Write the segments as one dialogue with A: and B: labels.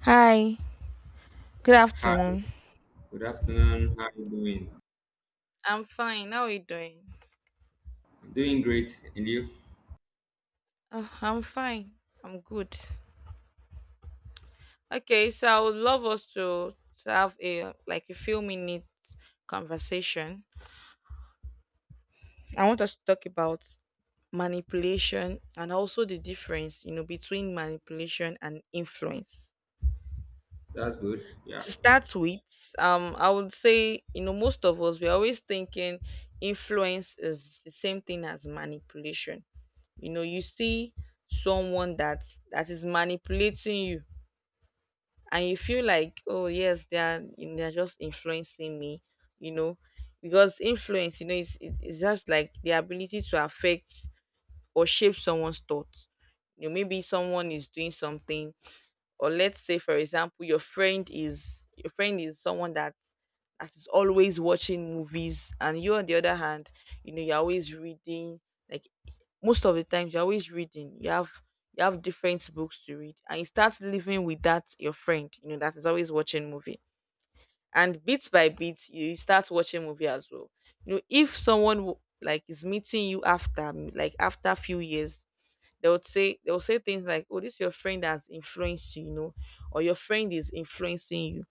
A: Hi, good
B: Hi,
A: afternoon.
B: good afternoon. How you doing?
A: I'm fine. How are you doing?
B: I'm doing great, and you?
A: Oh, I'm fine. I'm good. Okay, so I would love us to have a like a few minutes conversation. I want us to talk about manipulation and also the difference, between manipulation and influence.
B: That's good. Yeah.
A: To start with, I would say, most of us we're always thinking influence is the same thing as manipulation. You see someone that is manipulating you, and you feel like, oh, yes, they're just influencing me you know because influence, it's just like the ability to affect or shape someone's thoughts. Maybe someone is doing something, or let's say, for example, your friend is someone that is always watching movies, and you, on the other hand, you're always reading, like, most of the times you're always reading. You have different books to read, and you start living with that your friend, that is always watching movie, and bit by bit you start watching movie as well. If someone like is meeting you after like after few years, they would say things like, "Oh, this is your friend that's influenced you," or "Your friend is influencing you."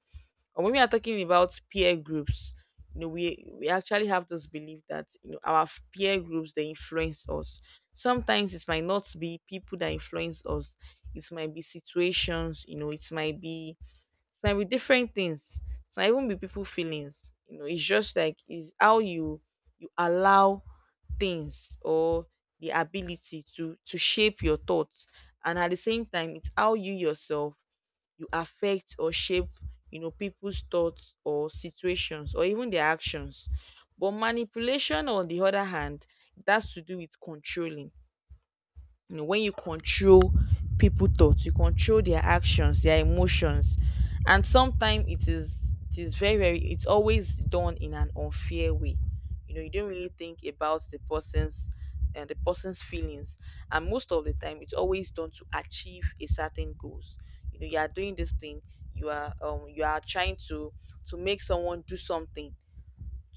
A: Or when we are talking about peer groups, we actually have this belief that our peer groups they influence us. Sometimes it might not be people that influence us. It might be situations, It might be different things. It might even be people feelings. It's just like is how you allow things, or the ability to shape your thoughts, and at the same time it's how you yourself you affect or shape, people's thoughts or situations or even their actions. But manipulation, on the other hand, it has to do with controlling. When you control people thoughts, you control their actions, their emotions. And sometimes it is very very, it's always done in an unfair way. You don't really think about the person's and the person's feelings, and most of the time it's always done to achieve a certain goals. You are doing this thing, you are trying to make someone do something,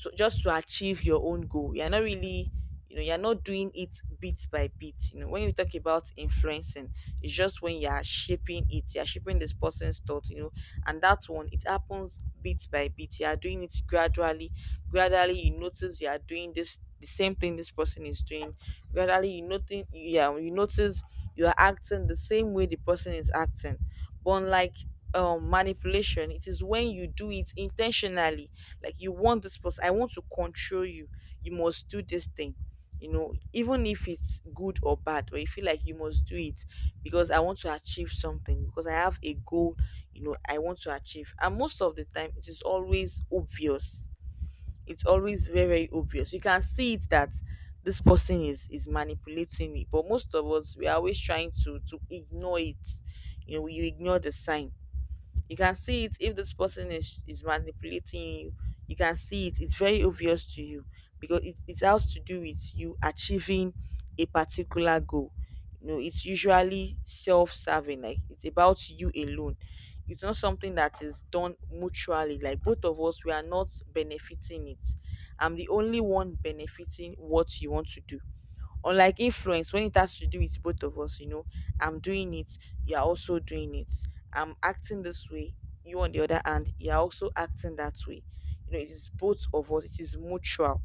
A: to just to achieve your own goal. You're not really, you're not doing it bit by bit. When you talk about influencing, it's just when you're shaping it, you're shaping this person's thought, and that one, it happens bit by bit. You are doing it gradually. Gradually, you notice you are doing this the same thing this person is doing. Gradually, you notice, yeah, you notice you are acting the same way the person is acting. But unlike manipulation, it is when you do it intentionally, like you want this person, I want to control you, you must do this thing. Even if it's good or bad, but you feel like you must do it because I want to achieve something, because I have a goal I want to achieve. And most of the time it is always obvious, it's always very very obvious. You can see it that this person is manipulating me, but most of us we are always trying to ignore it. You ignore the sign, you can see it if this person is manipulating you. You can see it. It's very obvious to you because it has to do with you achieving a particular goal. It's usually self-serving, like it's about you alone. It's not something that is done mutually, like both of us, we are not benefiting it. I'm the only one benefiting what you want to do. Unlike influence, when it has to do with both of us, I'm doing it, you're also doing it. I'm acting this way, you, on the other hand, you're also acting that way. It is both of us, it is mutual.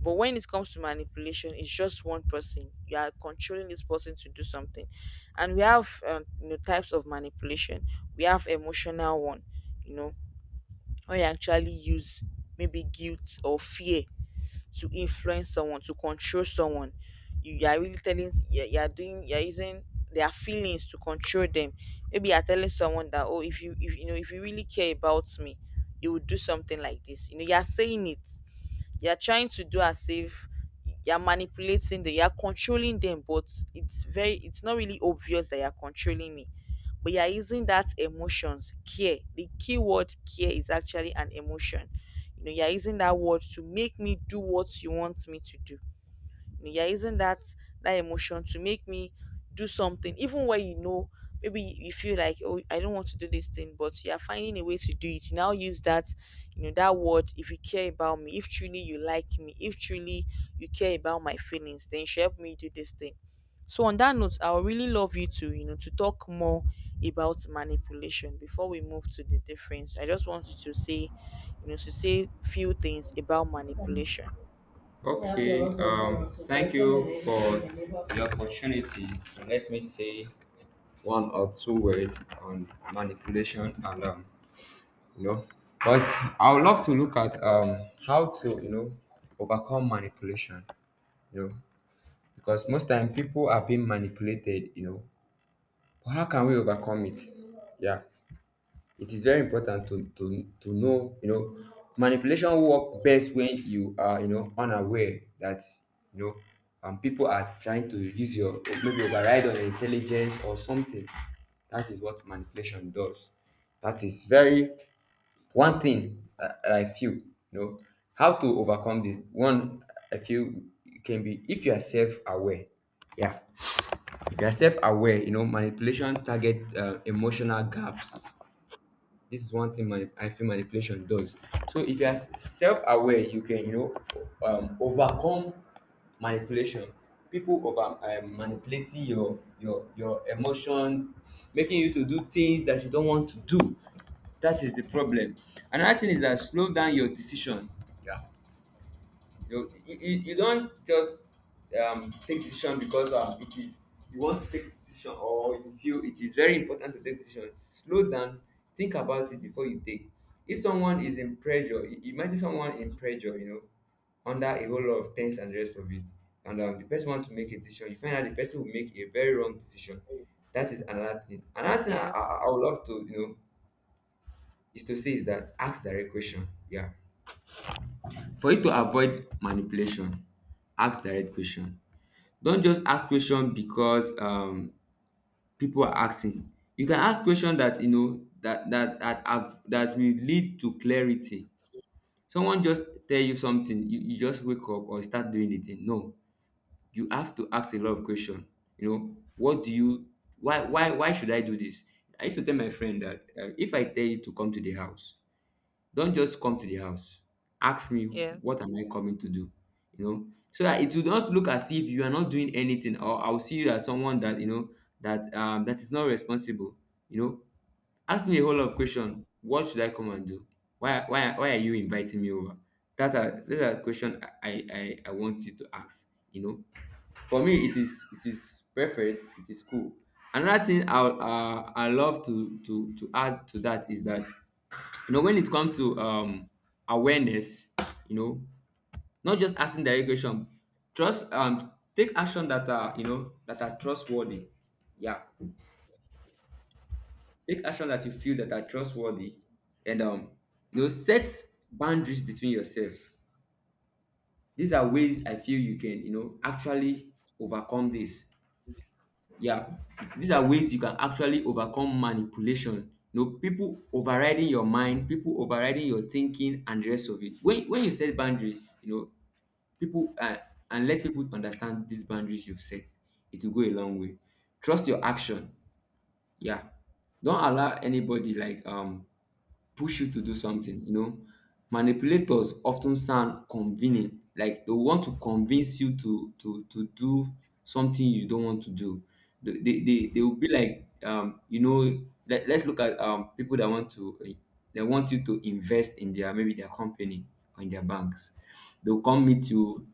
A: But when it comes to manipulation, it's just one person. You are controlling this person to do something. And we have types of manipulation. We have emotional one, you know, where you actually use maybe guilt or fear to influence someone, to control someone. You are really telling you, you are doing, you are using their feelings to control them. Maybe you are telling someone that, oh, if you really care about me, you would do something like this. You are saying it, you're trying to do as if you're manipulating them, you're controlling them, but it's not really obvious that you're controlling me. But you're using that emotions, care. The key word care is actually an emotion. You're using that word to make me do what you want me to do me you're using that emotion to make me do something, even where maybe you feel like, oh, I don't want to do this thing, but you're finding a way to do it. You now use that, that word, if you care about me, if truly you like me, if truly you care about my feelings, then you should help me do this thing. So on that note, I would really love you to you know to talk more about manipulation before we move to the difference. I just want you to say few things about manipulation.
B: Okay. Thank you for the opportunity to let me say one or two words on manipulation and you know, but I would love to look at how to overcome manipulation. You know, because most time people are being manipulated. You know, but how can we overcome it? Yeah. It is very important to know, you know, manipulation work best when you are, you know, unaware that you know people are trying to use your maybe override on your intelligence or something. That is what manipulation does. That is very one thing that I feel, you know, how to overcome this. One, I feel it can be if you are self-aware. Yeah, if you are self-aware, you know, manipulation target emotional gaps, this is one thing my I feel manipulation does. So if you are self-aware, you can you know overcome manipulation. People over manipulating your your emotion, making you to do things that you don't want to do. That is the problem. Another thing is that slow down your decision. Yeah, you you don't just take decision because it is you want to take decision, or you feel it is very important to take decision. Slow down, think about it before you take. If someone is in pressure, imagine someone in pressure, you know, under a whole lot of things and the rest of it, and the person want to make a decision. You find out the person will make a very wrong decision. That is another thing. Another thing
A: Yes.
B: I would love to, you know, is to say is that ask direct question. Yeah, for you to avoid manipulation, ask direct question. Don't just ask question because people are asking. You can ask question that you know that that that have that will lead to clarity. Someone just tell you something, you just wake up or start doing the thing. No, you have to ask a lot of question. You know, what do you, why should I do this? I used to tell my friend that if I tell you to come to the house, don't just come to the house. Ask me,
A: Yes.
B: what am I coming to do? You know, so that it will not look as if you are not doing anything, or I'll see you as someone that you know that is not responsible. You know, ask me a whole lot of questions. What should I come and do? Why are you inviting me over? That are those are question I want you to ask. You know, for me it is, it is perfect. It is cool. Another thing I love to add to that is that, you know, when it comes to awareness, you know, not just asking direct question, trust take action that are, you know, that are trustworthy. Yeah, take action that you feel that are trustworthy, and you know, set boundaries between yourself. These are ways I feel you can, you know, actually overcome this. Yeah, these are ways you can actually overcome manipulation. You know, people overriding your mind, people overriding your thinking and the rest of it. When you set boundaries, you know, people, and let people understand these boundaries you've set, it will go a long way. Trust your action. Yeah, don't allow anybody like push you to do something. You know, manipulators often sound convenient, like they want to convince you to do something you don't want to do. They will be like you know, let's look at people that want to they want you to invest in their maybe their company or in their banks. They'll come meet you,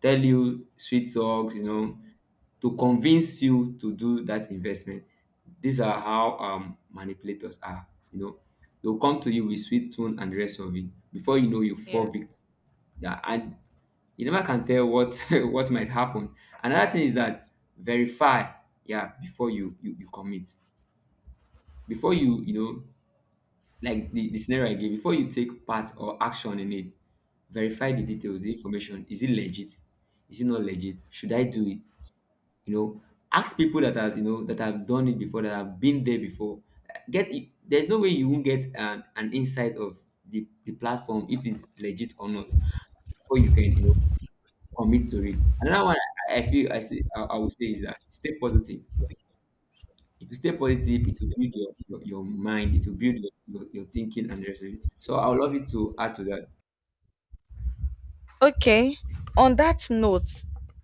B: tell you sweet talks, you know, to convince you to do that investment. These are how manipulators are. You know, they'll come to you with sweet tune and the rest of it. Before you know, you
A: Yes.
B: fall victim. Yeah, and you never can tell what what might happen. Another thing is that verify, yeah, before you commit, before you, you know, like the scenario I gave, before you take part or action in it, verify the details, the information. Is it legit? Is it not legit? Should I do it? You know, ask people that has, you know, that have done it before, that have been there before. Get it, there's no way you won't get an insight of the platform if it's legit or not, or you can, you know, commit to it. Another one, I feel I see, I would say is that stay positive. Yeah, if you stay positive it will build your mind, it will build your thinking and the rest of it. So I would love you to add to that.
A: Okay. On that note,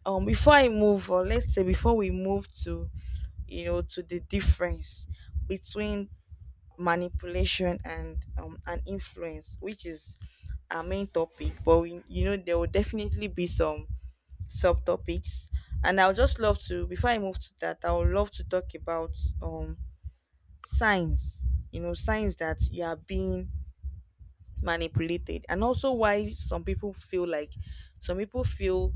A: before I move, or let's say before we move to the difference between manipulation and influence, which is our main topic, but we, there will definitely be some subtopics, and I'll just love to, before I move to that, I would love to talk about um signs, signs that you are being manipulated, and also why some people feel like some people feel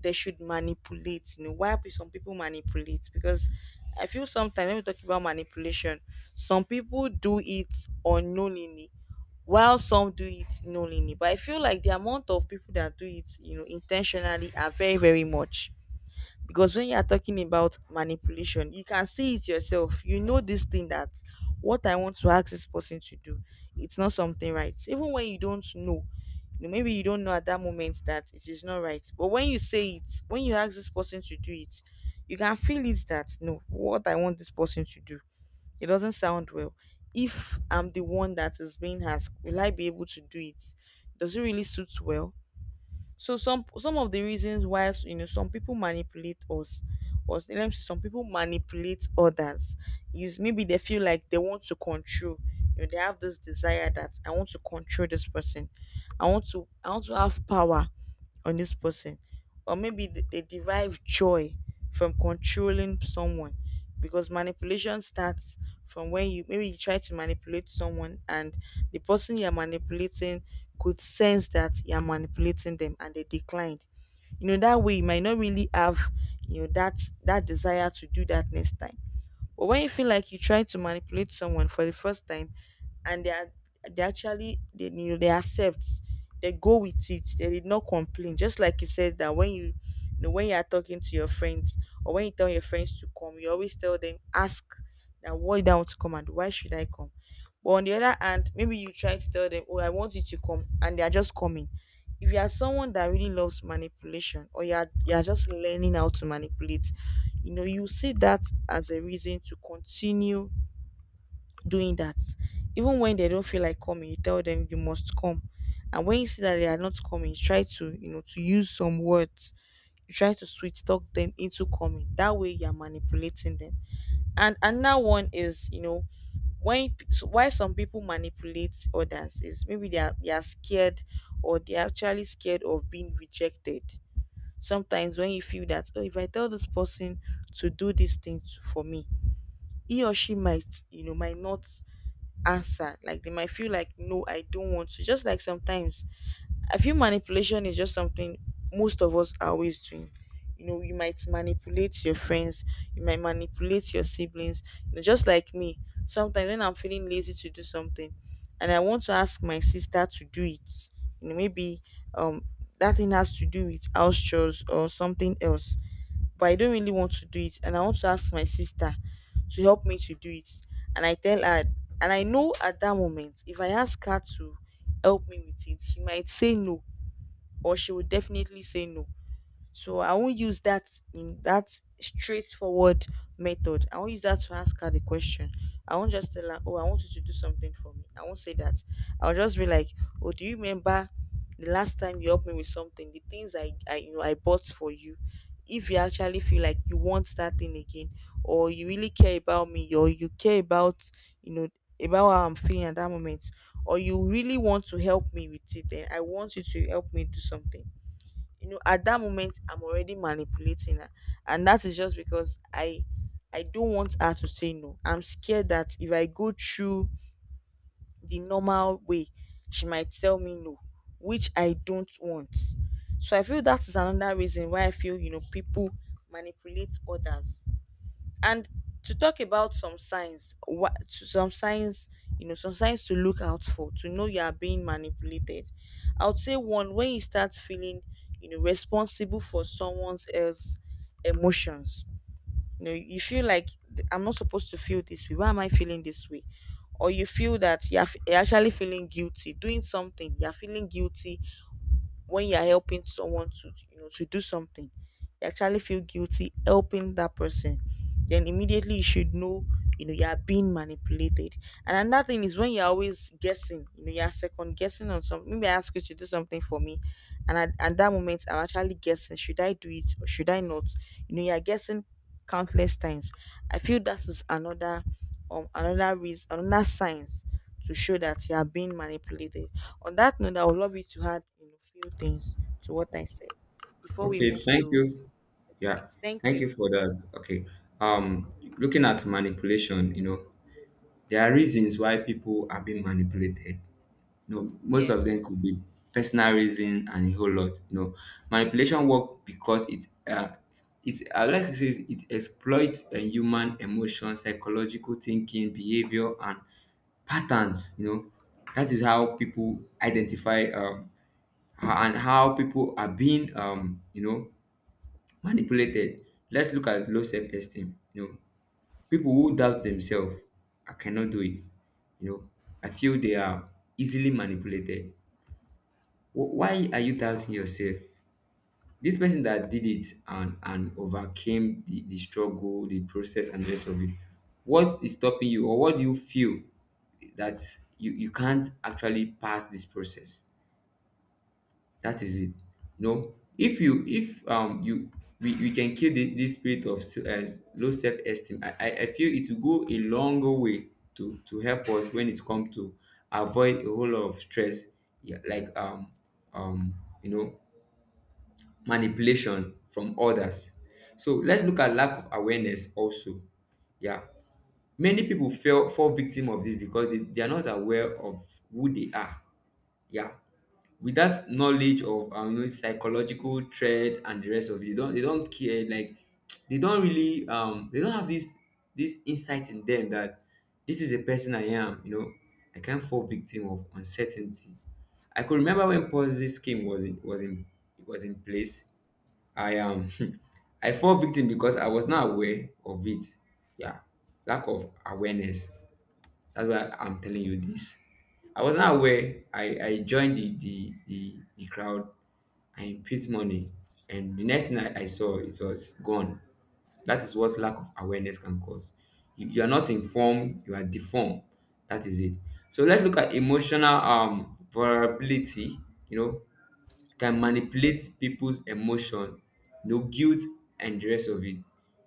A: they should manipulate. Why some people manipulate, because I feel sometimes when we talk about manipulation, some people do it unknowingly, while some do it knowingly. But I feel like the amount of people that do it, intentionally, are very very much. Because when you are talking about manipulation, you can see it yourself, this thing that what I want to ask this person to do, it's not something right. Even when you don't know, maybe you don't know at that moment that it is not right, but when you say it, when you ask this person to do it, you can feel it that, no, what I want this person to do, it doesn't sound well. If I'm the one that is being asked, will I be able to do it? Does it really suit well? So some of the reasons why some people manipulate us, or let me say some people manipulate others, is maybe they feel like they want to control. They have this desire that I want to control this person, I want to have power on this person, or maybe they derive joy from controlling someone, because manipulation starts from when you maybe you try to manipulate someone, and the person you're manipulating could sense that you're manipulating them, and they declined. That way, you might not really have, that desire to do that next time. But when you feel like you try to manipulate someone for the first time, and they are they actually they you know they accept, they go with it, they did not complain. Just like you said, that when you are talking to your friends, or when you tell your friends to come, you always tell them, ask that, why do I want to come, and why should I come? But on the other hand, maybe you try to tell them, oh, I want you to come, and they are just coming. If you are someone that really loves manipulation or you are just learning how to manipulate, you know you see that as a reason to continue doing that. Even when they don't feel like coming, you tell them you must come, and when you see that they are not coming, you try to to use some words. You try to sweet talk them into coming. That way you're manipulating them. And another one is, you know, when so why some people manipulate others is maybe they are scared, or they're actually scared of being rejected. Sometimes when you feel that, oh, if I tell this person to do this thing to, for me, he or she might, you know, might not answer. Like they might feel like, no, I don't want to. Just like sometimes I feel manipulation is just something most of us are always doing. You know, you might manipulate your friends, you might manipulate your siblings. You know, just like me, sometimes when I'm feeling lazy to do something and I want to ask my sister to do it, you know, maybe um that thing has to do with house chores or something else. But I don't really want to do it and I want to ask my sister to help me to do it. And I tell her, and I know at that moment if I ask her to help me with it, she might say no, or she would definitely say no. So I won't use that in that straightforward method. I won't use that to ask her the question. I won't just tell her, oh, I want you to do something for me. I won't say that. I'll just be like, oh, do you remember the last time you helped me with something? The things I I bought for you. If you actually feel like you want that thing again, or you really care about me, or you care about, you know, about how I'm feeling at that moment, or you really want to help me with it, then I want you to help me do something. You know, at that moment I'm already manipulating her. And that is just because I don't want her to say no. I'm scared that if I go through the normal way, she might tell me no, which I don't want. So I feel that is another reason why I feel, you know, people manipulate others. And to talk about some signs, you know, some signs to look out for to know you are being manipulated. I would say one, when you start feeling, you know, responsible for someone else's emotions. You know, you feel like, I'm not supposed to feel this way. Why am I feeling this way?" Or you feel that you're actually feeling guilty doing something. You're feeling guilty when you're helping someone to, you know, to do something. You actually feel guilty helping that person. Then immediately you should know, you know, you are being manipulated. And another thing is when you're always guessing, you know, you're second guessing on something. Maybe I ask you to do something for me, and at that moment I'm actually guessing, should I do it or should I not? You know, you're guessing countless times. I feel that is another, another reason, another signs to show that you are being manipulated. On that note, I would love you to add, you know, few things to what I said before we
B: Okay,
A: move
B: thank
A: to.
B: you. Yeah,
A: Thank
B: thank
A: you.
B: you for that. Okay. Um, looking at manipulation, you know, there are reasons why people are being manipulated. You know, most of
A: Yes
B: them could be personal reason and a whole lot. You know, manipulation work because it's it, I would like to say, it exploits a human emotion, psychological thinking, behavior, and patterns. You know, that is how people identify and how people are being you know, manipulated. Let's look at low self-esteem. You know, people who doubt themselves, I cannot do it. You know, I feel they are easily manipulated. Why are you doubting yourself? This person that did it and overcame the struggle, the process, and the rest of it, what is stopping you, or what do you feel that you can't actually pass this process? That is it. You know, if you if you, we can kill this spirit of low self-esteem. I feel it will go a long way to help us when it comes to avoid a whole lot of stress. Yeah, like um you know, manipulation from others. So let's look at lack of awareness also. Yeah, many people fell fall victim of this because they are not aware of who they are. Yeah, with that knowledge of you know, psychological threats and the rest of it, they don't care. Like they don't really they don't have this, this insight in them that this is a person I am. You know, I can't fall victim of uncertainty. I could remember when Ponzi scheme was in place. I I fall victim because I was not aware of it. Yeah, lack of awareness. That's why I'm telling you this. I was not aware. I joined the crowd. I put money. And the next thing I saw, it was gone. That is what lack of awareness can cause. You are not informed, you are deformed. That is it. So let's look at emotional vulnerability. You know, can manipulate people's emotion, you know, guilt and the rest of it.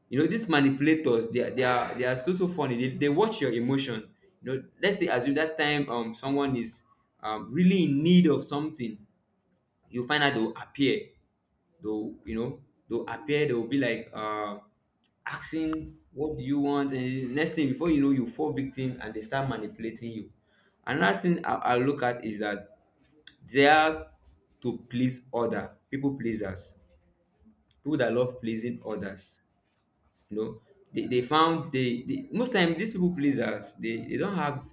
B: You know, these manipulators, they are so so funny, they watch your emotion. You know, let's say assume that time someone is really in need of something, you find out they'll appear, they'll you know, they'll appear, they'll be like asking what do you want, and next thing before you know, you fall victim and they start manipulating you. Another thing I look at is that they are to please other, people pleasers, people that love pleasing others. You know, they most time these people pleasers, they don't have,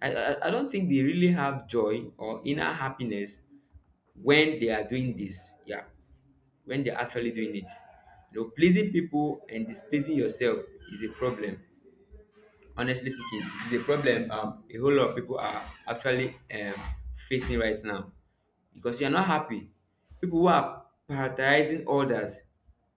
B: I don't think they really have joy or inner happiness when they are doing this. Yeah, when they're actually doing it, you know, pleasing people and displeasing yourself is a problem. Honestly speaking, it is a problem a whole lot of people are actually facing right now, because you're not happy. People who are prioritizing others,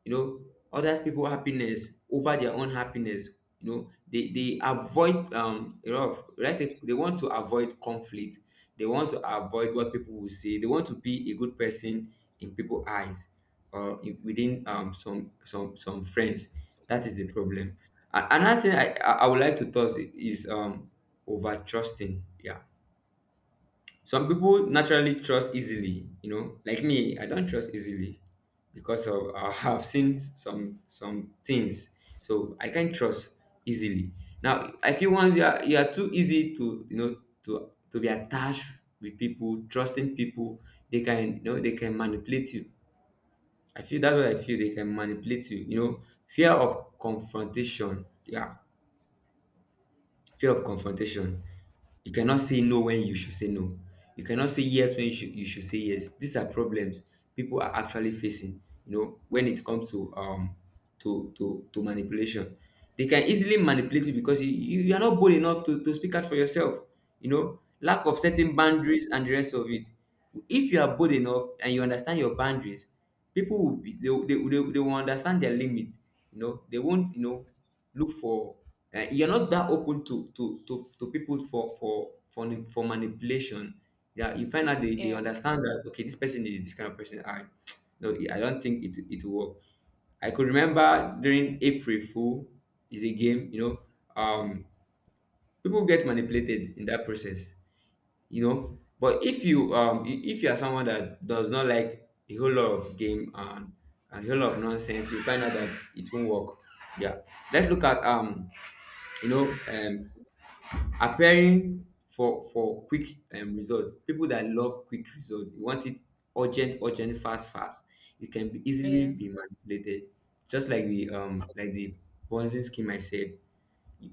B: you know, others people happiness over their own happiness. You know, they avoid a lot of, let's say, they want to avoid conflict, they want to avoid what people will say, they want to be a good person in people eyes, or within some friends. That is the problem. Another thing I would like to touch is over trusting. Yeah, some people naturally trust easily. You know, like me, I don't trust easily, because of I have seen some things, so I can't trust easily. Now I feel once you are, you are too easy To be attached with people, trusting people, they can, they can manipulate you. I feel that's what I feel, they can manipulate you, you know fear of confrontation, yeah. Fear of confrontation. You cannot say no when you should say no. You cannot say yes when you should say yes. These are problems people are actually facing, you know, when it comes to manipulation. They can easily manipulate you because you are not bold enough to speak out for yourself. You know, lack of setting boundaries and the rest of it. If you are bold enough and you understand your boundaries, people will be they will understand their limits. You know, they won't, you know, look for you're not that open to people for manipulation, yeah. You find out they
A: Yes.
B: understand that, okay, this person is this kind of person. I no, I don't think it will work. I could remember during April Fool. Is a game, you know. um People get manipulated in that process, you know. But if you if you are someone that does not like a whole lot of game and a whole lot of nonsense, you find out that it won't work, yeah. Let's look at you know, appearing for quick result. People that love quick result, you want it urgent, urgent, fast, fast, you can be easily
A: Yes.
B: be manipulated. Just like the bonzing scheme, I said,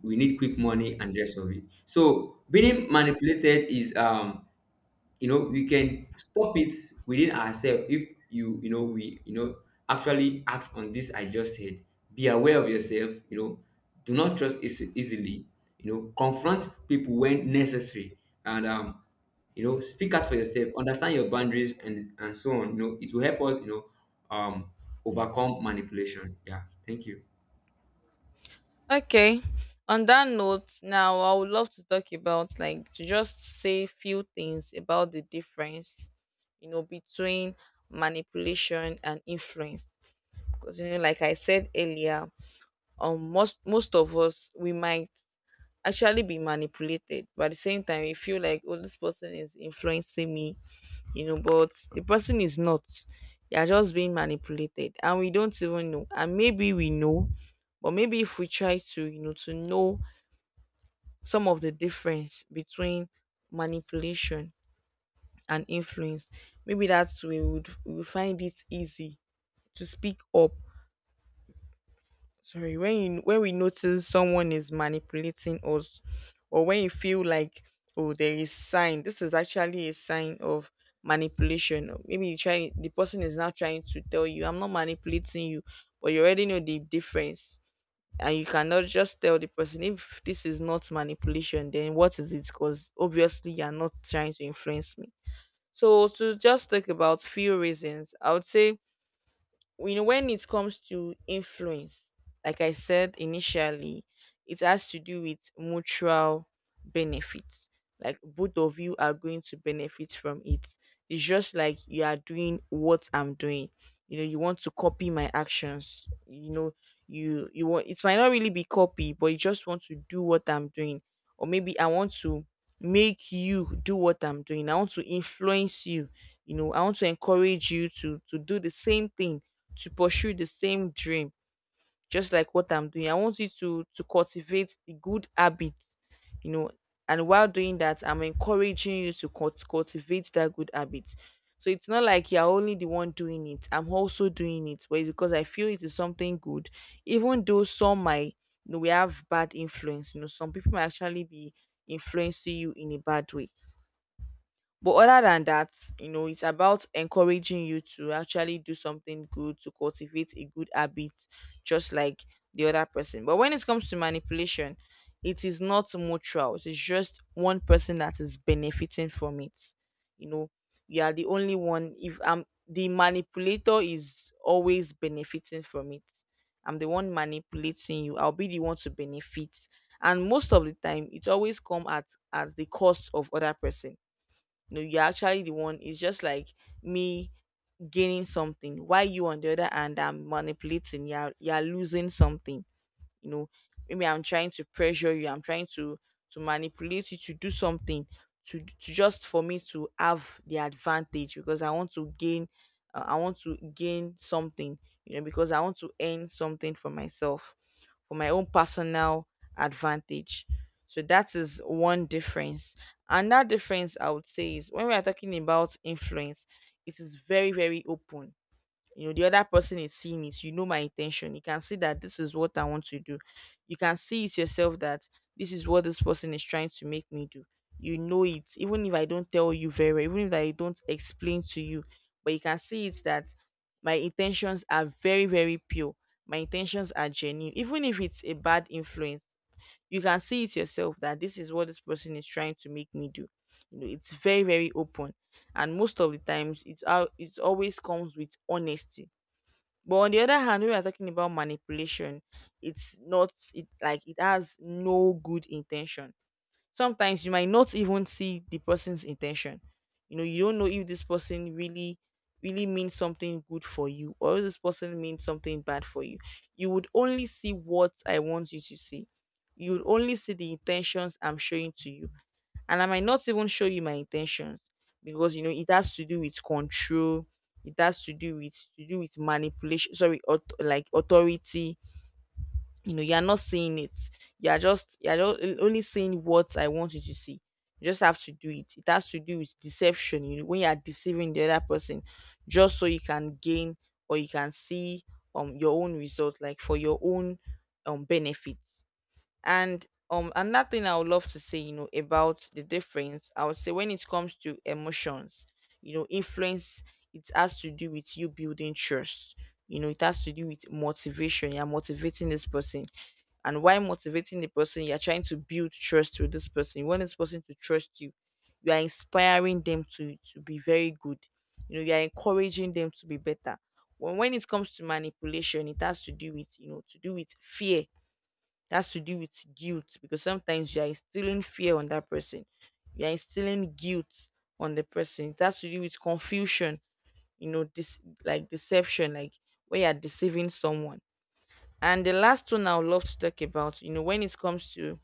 B: we need quick money and rest of it. So being manipulated is, you know, we can stop it within ourselves. If you you know we you know actually act on this I just said: be aware of yourself, you know. Do not trust easily, you know. Confront people when necessary, and you know, speak out for yourself, understand your boundaries and so on, you know. It will help us, you know, um overcome manipulation. Yeah, thank you.
A: Okay. On that note, now I would love to talk about, like to just say few things about the difference, you know, between manipulation and influence. Because you know, like I said earlier, most of us, we might actually be manipulated, but at the same time we feel like, oh, this person is influencing me, you know, but the person is not. They are just being manipulated and we don't even know. And maybe we know, but maybe if we try to, you know, to know some of the difference between manipulation and influence, maybe that's way we would find it easy to speak up. Sorry, when you, when we notice someone is manipulating us, or when you feel like, oh, there is sign, this is actually a sign of manipulation. Or maybe you try, the person is now trying to tell you, I'm not manipulating you, but you already know the difference, and you cannot just tell the person, if this is not manipulation, then what is it? Because obviously you're not trying to influence me. So to just talk about few reasons, I would say, you know, when it comes to influence, like I said initially, it has to do with mutual benefits. Like both of you are going to benefit from it. It's just like you are doing what I'm doing. You know, you want to copy my actions. You know, you want, it might not really be copy, but you just want to do what I'm doing. Or maybe I want to make you do what I'm doing. I want to influence you. You know, I want to encourage you to do the same thing, to pursue the same dream. Just like what I'm doing, I want you to cultivate the good habits, you know. And while doing that, I'm encouraging you to cultivate that good habit. So it's not like you're only the one doing it, I'm also doing it, but it's because I feel it is something good. Even though some might, you know, we have bad influence. You know, some people might actually be influencing you in a bad way. But other than that, you know, it's about encouraging you to actually do something good, to cultivate a good habit, just like the other person. But when it comes to manipulation, it is not mutual. It is just one person that is benefiting from it. You know, you are the only one. If I'm the manipulator, is always benefiting from it. I'm the one manipulating you. I'll be the one to benefit, and most of the time, it always come at the cost of other person. No, you're actually the one. It's just like me gaining something while you on the other hand, I'm manipulating, you're losing something, you know. Maybe I'm trying to pressure you. I'm trying to manipulate you to do something, to just for me to have the advantage, because I want to gain, I want to gain something, you know, because I want to earn something for myself, for my own personal advantage. So that is one difference. And that difference I would say is, when we are talking about influence, it is very very open. You know, the other person is seeing it. You know, my intention, you can see that this is what I want to do. You can see it yourself that this is what this person is trying to make me do. You know it, even if I don't tell you very well, even if I don't explain to you, but you can see it that my intentions are very very pure, my intentions are genuine. Even if it's a bad influence, you can see it yourself that this is what this person is trying to make me do. You know, it's very very open. And most of the times it always comes with honesty. But on the other hand, when we are talking about manipulation, it's not it like it has no good intention. Sometimes you might not even see the person's intention. You know, you don't know if this person really means something good for you, or if this person means something bad for you. You would only see what I want you to see. You would only see the intentions I'm showing to you, and I might not even show you my intentions, because you know it has to do with control, it has to do with manipulation. Sorry, like authority. You know, you are not seeing it. You are just only seeing what I want you to see. You just have to do it. It has to do with deception. You know, when you are deceiving the other person, just so you can gain, or you can see your own result, like for your own benefits. And another thing I would love to say, you know, about the difference, I would say when it comes to emotions, you know, influence, it has to do with you building trust. You know, it has to do with motivation. You're motivating this person. And while motivating the person, you're trying to build trust with this person. You want this person to trust you. You are inspiring them to be very good. You know, you are encouraging them to be better. When it comes to manipulation, it has to do with, you know, to do with fear, that's to do with guilt, because sometimes you are instilling fear on that person. You are instilling guilt on the person. It has to do with confusion, you know, this like deception, like where you are deceiving someone. And the last one I would love to talk about, you know, when it comes to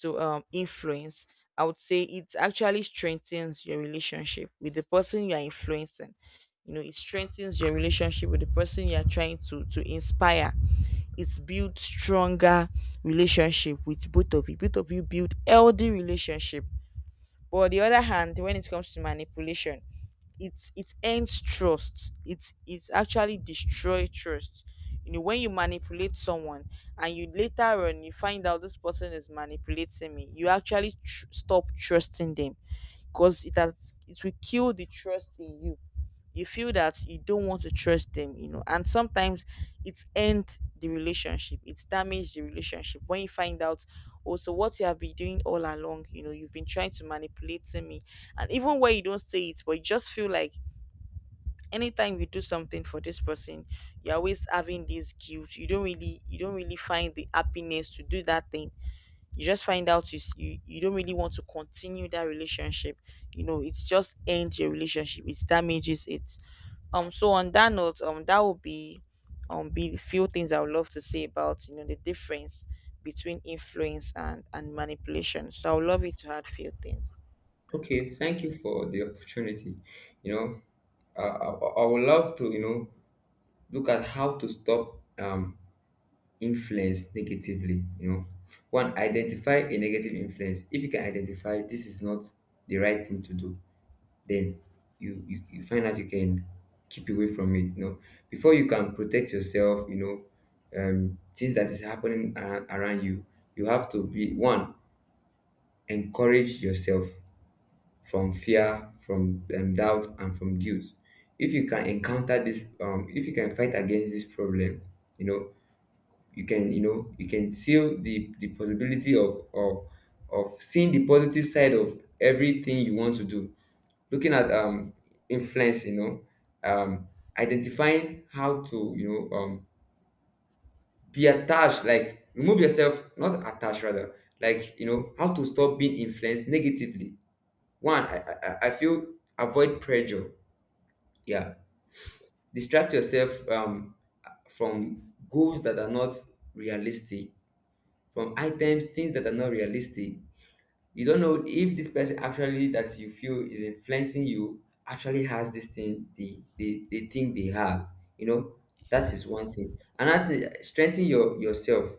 A: influence, I would say it actually strengthens your relationship with the person you are influencing. You know, it strengthens your relationship with the person you are trying to inspire. It's build stronger relationship with both of you. Both of you build healthy relationship. But on the other hand, when it comes to manipulation, it's it ends trust. It's actually destroy trust. You know, when you manipulate someone and you later on, you find out this person is manipulating me, you actually stop trusting them, because it has, it will kill the trust in you. You feel that you don't want to trust them, you know. And sometimes it ends the relationship, it's damaged the relationship when you find out also what you have been doing all along, you know, you've been trying to manipulate me. And even where you don't say it, but you just feel like anytime you do something for this person, you're always having this guilt. You don't really, you don't really find the happiness to do that thing. You just find out you you don't really want to continue that relationship. You know, it's just ends your relationship, it damages it. So on that note, that would be the few things I would love to say about, you know, the difference between influence and manipulation. So I would love you to add few things.
B: Okay, thank you for the opportunity. You know, I I would love to, you know, look at how to stop influence negatively, you know. One, identify a negative influence. If you can identify this is not the right thing to do, then you find out you can keep away from it, you know. Before you can protect yourself, you know, things that is happening around you, you have to be one, encourage yourself from fear, from, doubt, and from guilt. If you can encounter this, if you can fight against this problem, you know, you can seal the possibility of of seeing the positive side of everything you want to do. Looking at influence, you know, um identifying how to, you know, be attached, like remove yourself, not attached rather, like, you know, how to stop being influenced negatively. One, I feel avoid pressure, yeah. Distract yourself, from goals that are not realistic, from items, things that are not realistic. You don't know if this person actually that you feel is influencing you actually has this thing they think they have. You know,
A: Yeah,
B: that is one thing. And that is strengthen your yourself,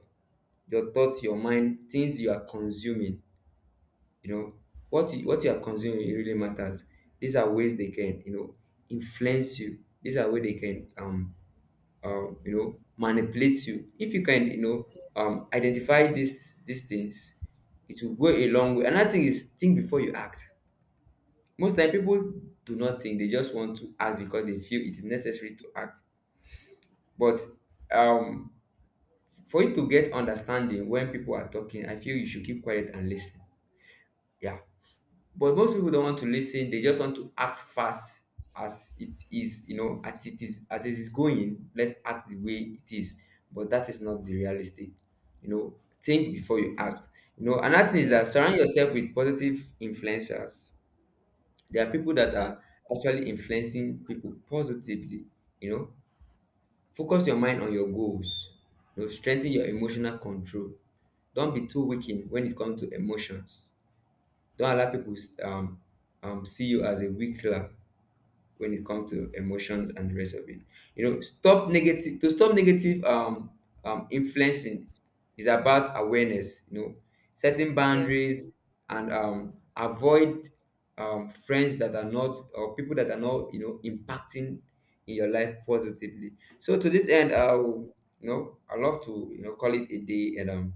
B: your thoughts, your mind, things you are consuming. You know, what you are consuming, it really matters. These are ways they can, you know, influence you. These are ways they can you know, manipulate you. If you can, you know, identify these things, it will go a long way. Another thing is think before you act. Most time people do not think, they just want to act because they feel it is necessary to act, but, um for you to get understanding when people are talking, I feel you should keep quiet and listen, yeah. But most people don't want to listen, they just want to act fast, as it is, you know, as it is going, let's act the way it is. But that is not the realistic. You know, think before you act. You know, another thing is
A: yeah,
B: that surround yourself with positive influencers. There are people that
A: that
B: are actually influencing people positively, you know. Focus your mind on your goals, you know, strengthen your emotional control. Don't be too weak in when it comes to emotions. Don't allow people, um, see you as a weak lamb when it comes to emotions and the rest of it. You know, stop negative, to stop negative, influencing is about awareness. You know, setting
A: yes.
B: boundaries, and avoid friends that are not, or people that are not, you know, impacting in your life positively. So to this end, I'll, you know, I love to, you know, call it a day, and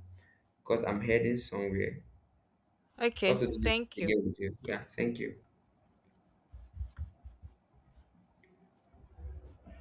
B: because I'm heading somewhere. Love
A: Okay,
B: to do this
A: thank you.
B: again with you. Yeah, thank you.